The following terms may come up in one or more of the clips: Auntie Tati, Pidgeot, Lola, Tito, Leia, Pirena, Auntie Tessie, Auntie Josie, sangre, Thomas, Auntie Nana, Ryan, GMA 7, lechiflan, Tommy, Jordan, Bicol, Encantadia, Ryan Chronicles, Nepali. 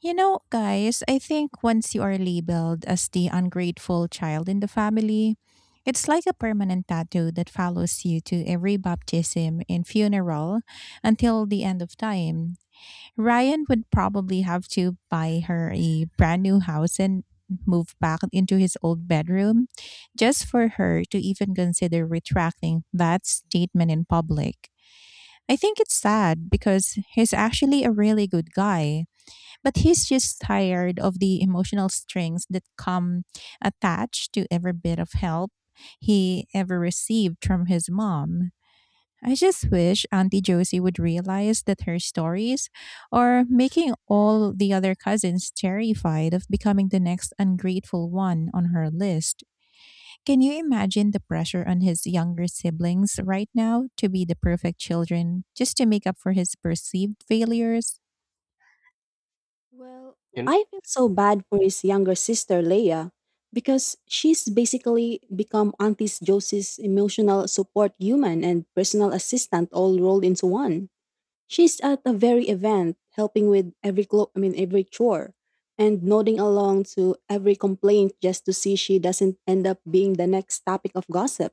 You know, guys, I think once you are labeled as the ungrateful child in the family, it's like a permanent tattoo that follows you to every baptism and funeral until the end of time. Ryan would probably have to buy her a brand new house and move back into his old bedroom just for her to even consider retracting that statement in public. I think it's sad because he's actually a really good guy, but he's just tired of the emotional strings that come attached to every bit of help he ever received from his mom. I just wish Auntie Josie would realize that her stories are making all the other cousins terrified of becoming the next ungrateful one on her list. Can you imagine the pressure on his younger siblings right now to be the perfect children just to make up for his perceived failures? Well, And I feel so bad for his younger sister, Leia, because she's basically become Auntie Josie's emotional support human and personal assistant all rolled into one. She's at a very event, helping with I mean every chore, and nodding along to every complaint just to see she doesn't end up being the next topic of gossip.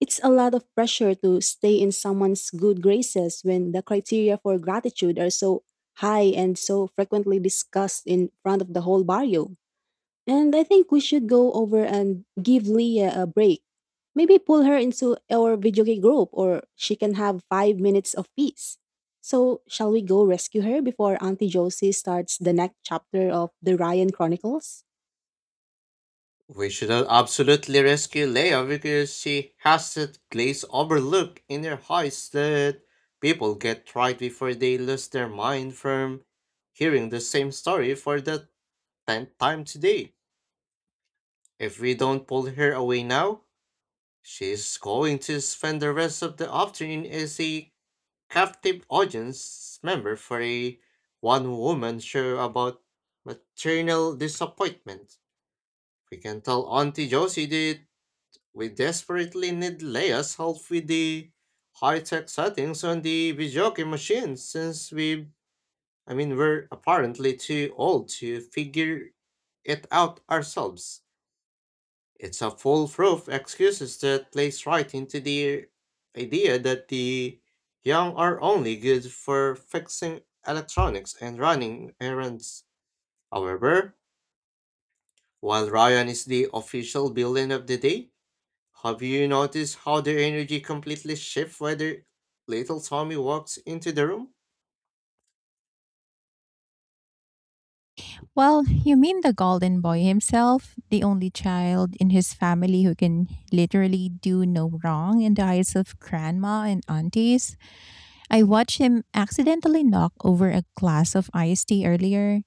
It's a lot of pressure to stay in someone's good graces when the criteria for gratitude are so high and so frequently discussed in front of the whole barrio. And I think we should go over and give Leah a break. Maybe pull her into our video game group or she can have 5 minutes of peace. So, shall we go rescue her before Auntie Josie starts the next chapter of the Ryan Chronicles? we should absolutely rescue Leia because she has that glaze overlook in her eyes that people get right before they lose their mind from hearing the same story for the tenth time today. If we don't pull her away now, she's going to spend the rest of the afternoon as a captive audience member for a one woman show about maternal disappointment. We can tell Auntie Josie that we desperately need Leia's help with the high-tech settings on the video game machine since we I mean we're apparently too old to figure it out ourselves. It's a foolproof excuse that plays right into the idea that the young are only good for fixing electronics and running errands. However, while Ryan is the official villain of the day, have you noticed how their energy completely shifts whether little Tommy walks into the room? Well, you mean the golden boy himself, the only child in his family who can literally do no wrong in the eyes of grandma and aunties. I watched him accidentally knock over a glass of iced tea earlier,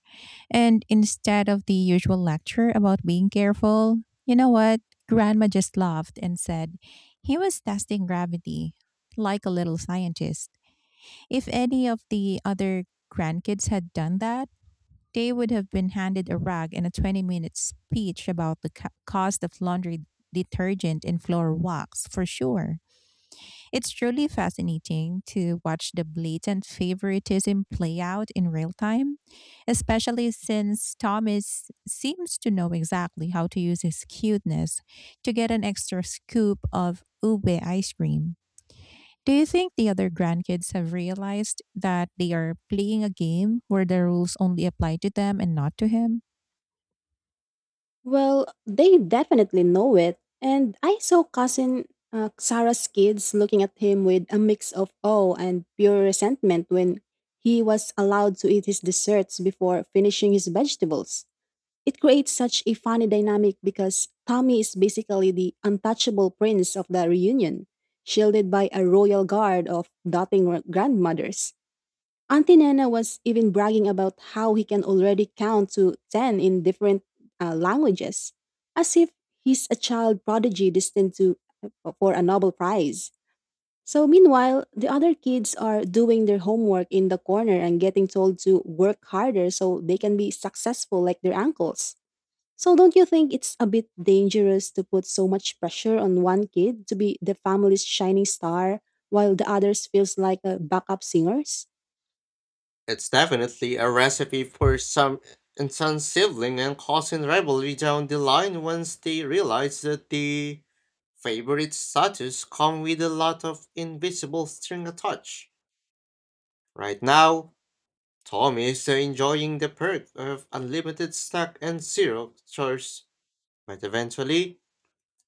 and instead of the usual lecture about being careful, you know what? Grandma just laughed and said he was testing gravity like a little scientist. If any of the other grandkids had done that, they would have been handed a rag and a 20-minute speech about the cost of laundry detergent and floor wax for sure. It's truly fascinating to watch the blatant favoritism play out in real time, especially since Thomas seems to know exactly how to use his cuteness to get an extra scoop of ube ice cream. Do you think the other grandkids have realized that they are playing a game where the rules only apply to them and not to him? Well, they definitely know it. And I saw cousin Sarah's kids looking at him with a mix of awe and pure resentment when he was allowed to eat his desserts before finishing his vegetables. It creates such a funny dynamic because Tommy is basically the untouchable prince of the reunion, shielded by a royal guard of doting grandmothers. Auntie Nana was even bragging about how he can already count to 10 in different languages, as if he's a child prodigy destined to for a Nobel Prize. So meanwhile, the other kids are doing their homework in the corner and getting told to work harder so they can be successful like their uncles. So don't you think it's a bit dangerous to put so much pressure on one kid to be the family's shining star while the others feels like a backup singers? It's definitely a recipe for some intense sibling and cousin rivalry down the line once they realize that the favorite status come with a lot of invisible string attached. Right now, Tommy is enjoying the perk of unlimited snack and zero chores, but eventually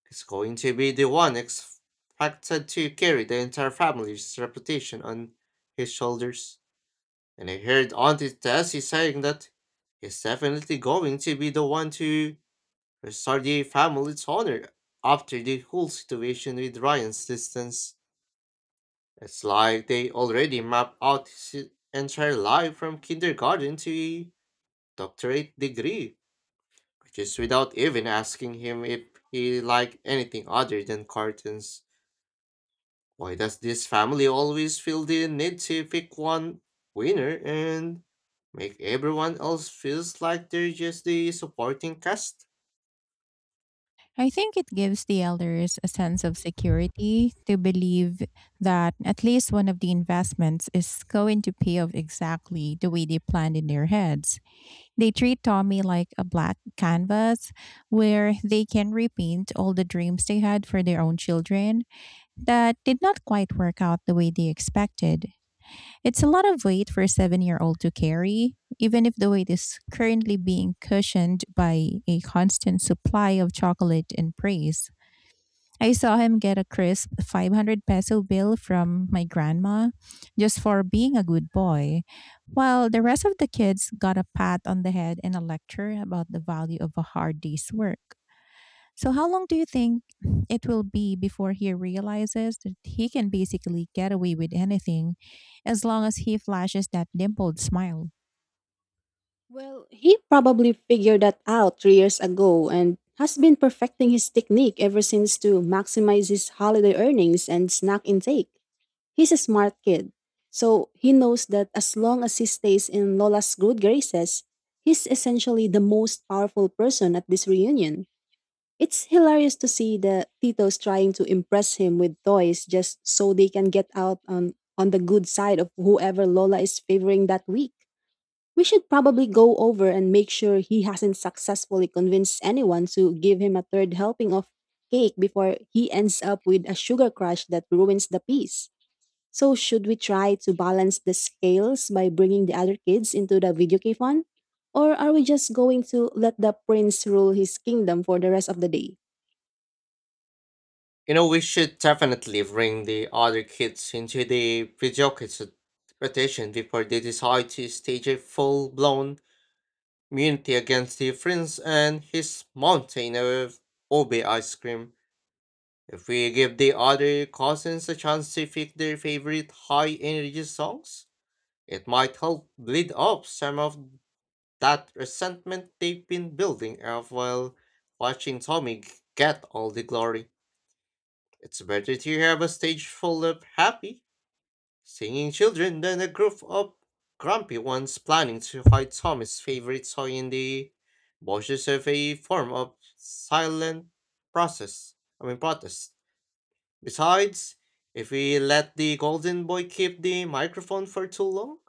is going to be the one expected to carry the entire family's reputation on his shoulders. And I heard Auntie Tessie saying that he's definitely going to be the one to restore the family's honor after the whole situation with Ryan's distance. It's like they already mapped out his entire life from kindergarten to a doctorate degree, which is without even asking him if he liked anything other than cartoons. Why does this family always feel the need to pick one winner and make everyone else feels like they're just the supporting cast? I think it gives the elders a sense of security to believe that at least one of the investments is going to pay off exactly the way they planned in their heads. They treat Tommy like a black canvas where they can repaint all the dreams they had for their own children that did not quite work out the way they expected. It's a lot of weight for a 7-year-old old to carry, even if the weight is currently being cushioned by a constant supply of chocolate and praise. I saw him get a crisp 500 peso bill from my grandma just for being a good boy, while the rest of the kids got a pat on the head and a lecture about the value of a hard day's work. So, how long do you think it will be before he realizes that he can basically get away with anything as long as he flashes that dimpled smile? Well, he probably figured that out 3 years ago and has been perfecting his technique ever since to maximize his holiday earnings and snack intake. He's a smart kid, so he knows that as long as he stays in Lola's good graces, he's essentially the most powerful person at this reunion. It's hilarious to see the Tito's trying to impress him with toys just so they can get out on the good side of whoever Lola is favoring that week. We should probably go over and make sure he hasn't successfully convinced anyone to give him a third helping of cake before he ends up with a sugar crush that ruins the peace. So, should we try to balance the scales by bringing the other kids into the video cave fun? Or are we just going to let the prince rule his kingdom for the rest of the day? You know, we should definitely bring the other kids into the Pidgeot's rotation before they decide to stage a full-blown immunity against the prince and his mountain of Obe ice cream. If we give the other cousins a chance to pick their favorite high-energy songs, it might help bleed off some of that resentment they've been building up while watching get all the glory. It's better to have a stage full of happy, singing children than a group of grumpy ones planning to hide Tommy's favorite toy in the bushes of a form of silent process. I mean protest. Besides, if we let the golden boy keep the microphone for too long,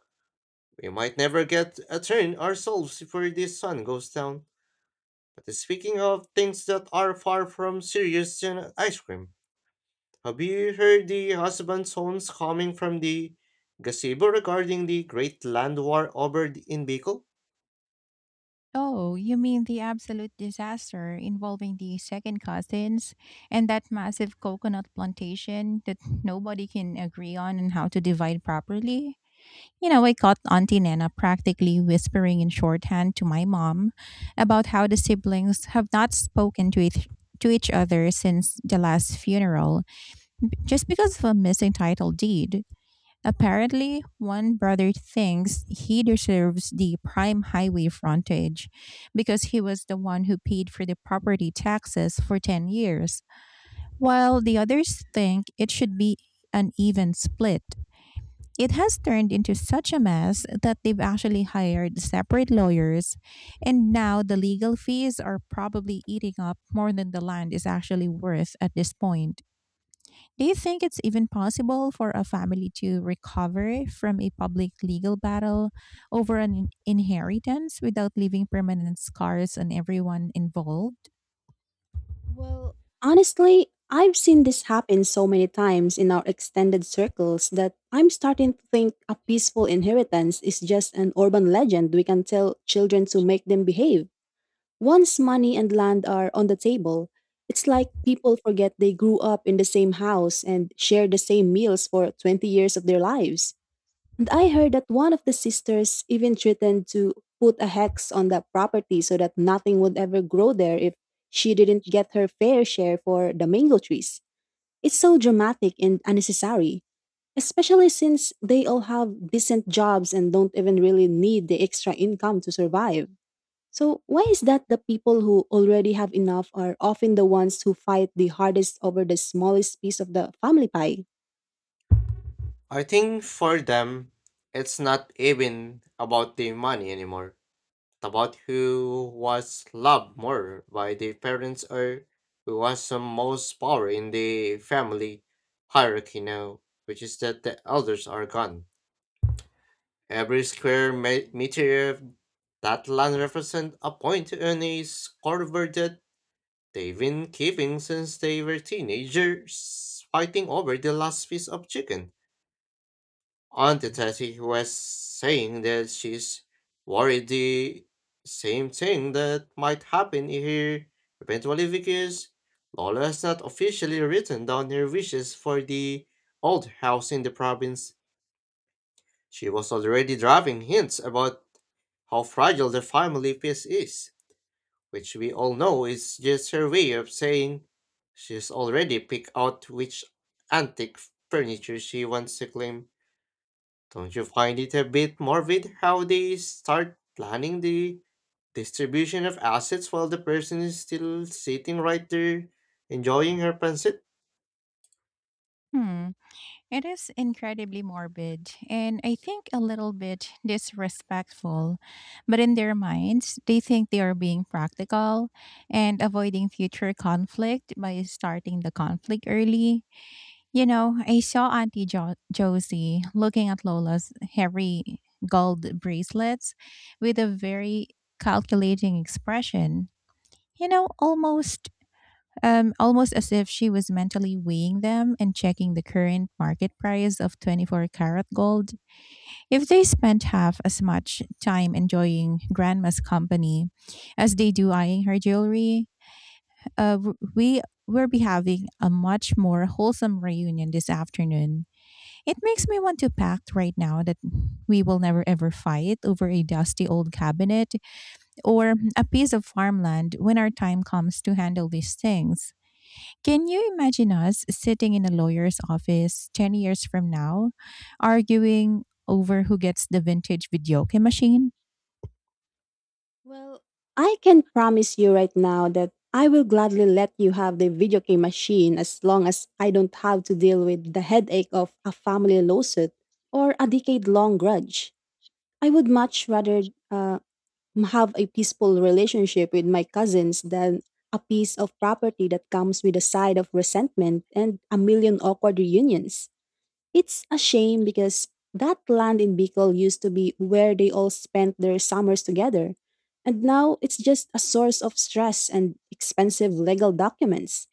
we might never get a train ourselves before this sun goes down. But speaking of things that are far from serious than ice cream, have you heard the husband's horns coming from the gazebo regarding the great land war in Bicol? Oh, you mean the absolute disaster involving the second cousins and that massive coconut plantation that nobody can agree on and how to divide properly? You know, I caught Auntie Nana practically whispering in shorthand to my mom about how the siblings have not spoken to each other since the last funeral just because of a missing title deed. Apparently, one brother thinks he deserves the prime highway frontage because he was the one who paid for the property taxes for 10 years, while the others think it should be an even split. It has turned into such a mess that they've actually hired separate lawyers, and now the legal fees are probably eating up more than the land is actually worth at this point. Do you think it's even possible for a family to recover from a public legal battle over an inheritance without leaving permanent scars on everyone involved? Well, honestly, I've seen this happen so many times in our extended circles that I'm starting to think a peaceful inheritance is just an urban legend we can tell children to make them behave. Once money and land are on the table, it's like people forget they grew up in the same house and shared the same meals for 20 years of their lives. And I heard that one of the sisters even threatened to put a hex on that property so that nothing would ever grow there if she didn't get her fair share for the mango trees. It's so dramatic and unnecessary, especially since they all have decent jobs and don't even really need the extra income to survive. So, why is that the people who already have enough are often the ones who fight the hardest over the smallest piece of the family pie? I think for them, it's not even about the money anymore. About who was loved more by the parents or who has the most power in the family hierarchy now, which is that the elders are gone. Every square meter of that land represents a point on a scoreboard that they've been keeping since they were teenagers, fighting over the last piece of chicken. Auntie Tati was saying that she's worried the same thing that might happen here eventually because Lola has not officially written down her wishes for the old house in the province. She was already driving hints about how fragile the family peace is, which we all know is just her way of saying she's already picked out which antique furniture she wants to claim. Don't you find it a bit morbid how they start planning the distribution of assets while the person is still sitting right there enjoying her pancit? Hmm. It is incredibly morbid, and I think a little bit disrespectful. But in their minds, they think they are being practical and avoiding future conflict by starting the conflict early. You know, I saw Auntie Josie looking at Lola's hairy gold bracelets with a very calculating expression. You know, almost as if she was mentally weighing them and checking the current market price of 24 karat gold. If they spent half as much time enjoying grandma's company as they do eyeing her jewelry, we will be having a much more wholesome reunion this afternoon. It makes me want to pact right now that we will never ever fight over a dusty old cabinet or a piece of farmland when our time comes to handle these things. Can you imagine us sitting in a lawyer's office 10 years from now, arguing over who gets the vintage video game machine? Well, I can promise you right now that I will gladly let you have the video game machine as long as I don't have to deal with the headache of a family lawsuit or a decade long grudge. I would much rather have a peaceful relationship with my cousins than a piece of property that comes with a side of resentment and a million awkward reunions. It's a shame because that land in Bicol used to be where they all spent their summers together, and now it's just a source of stress and expensive legal documents.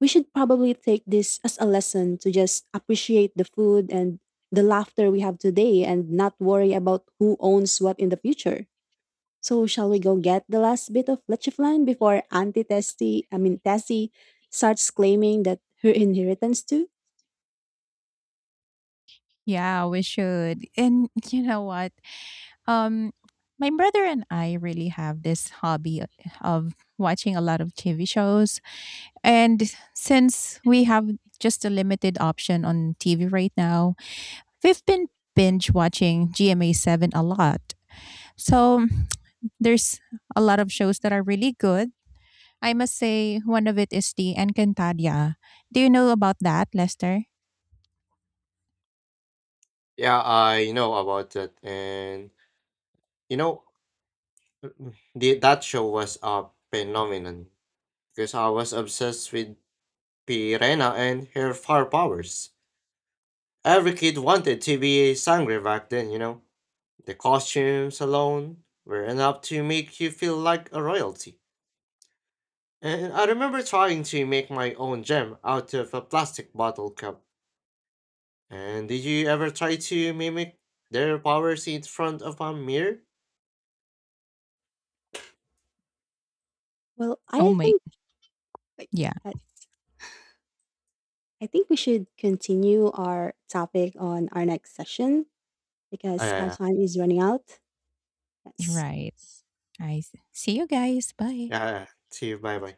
We should probably take this as a lesson to just appreciate the food and the laughter we have today and not worry about who owns what in the future. So shall we go get the last bit of lechiflan before Auntie Tessie, I mean Tessie, starts claiming that her inheritance too? Yeah, we should. And you know what? Um, my brother and I really have this hobby of watching a lot of TV shows. And since we have just a limited option on TV right now, we've been binge watching GMA 7 a lot. So there's a lot of shows that are really good. I must say one of it is the Encantadia. Do you know about that, Lester? Yeah, I know about that. And you know, that show was a phenomenon because I was obsessed with Pirena and her fire powers. Every kid wanted to be a sangre back then, you know. The costumes alone were enough to make you feel like a royalty. And I remember trying to make my own gem out of a plastic bottle cup. And did you ever try to mimic their powers in front of a mirror? Well, Oh I my. think Yeah, yes. I think we should continue our topic on our next session because our Uh, time is running out. Yes. right. I see you guys. Bye. yeah, see you. Bye bye.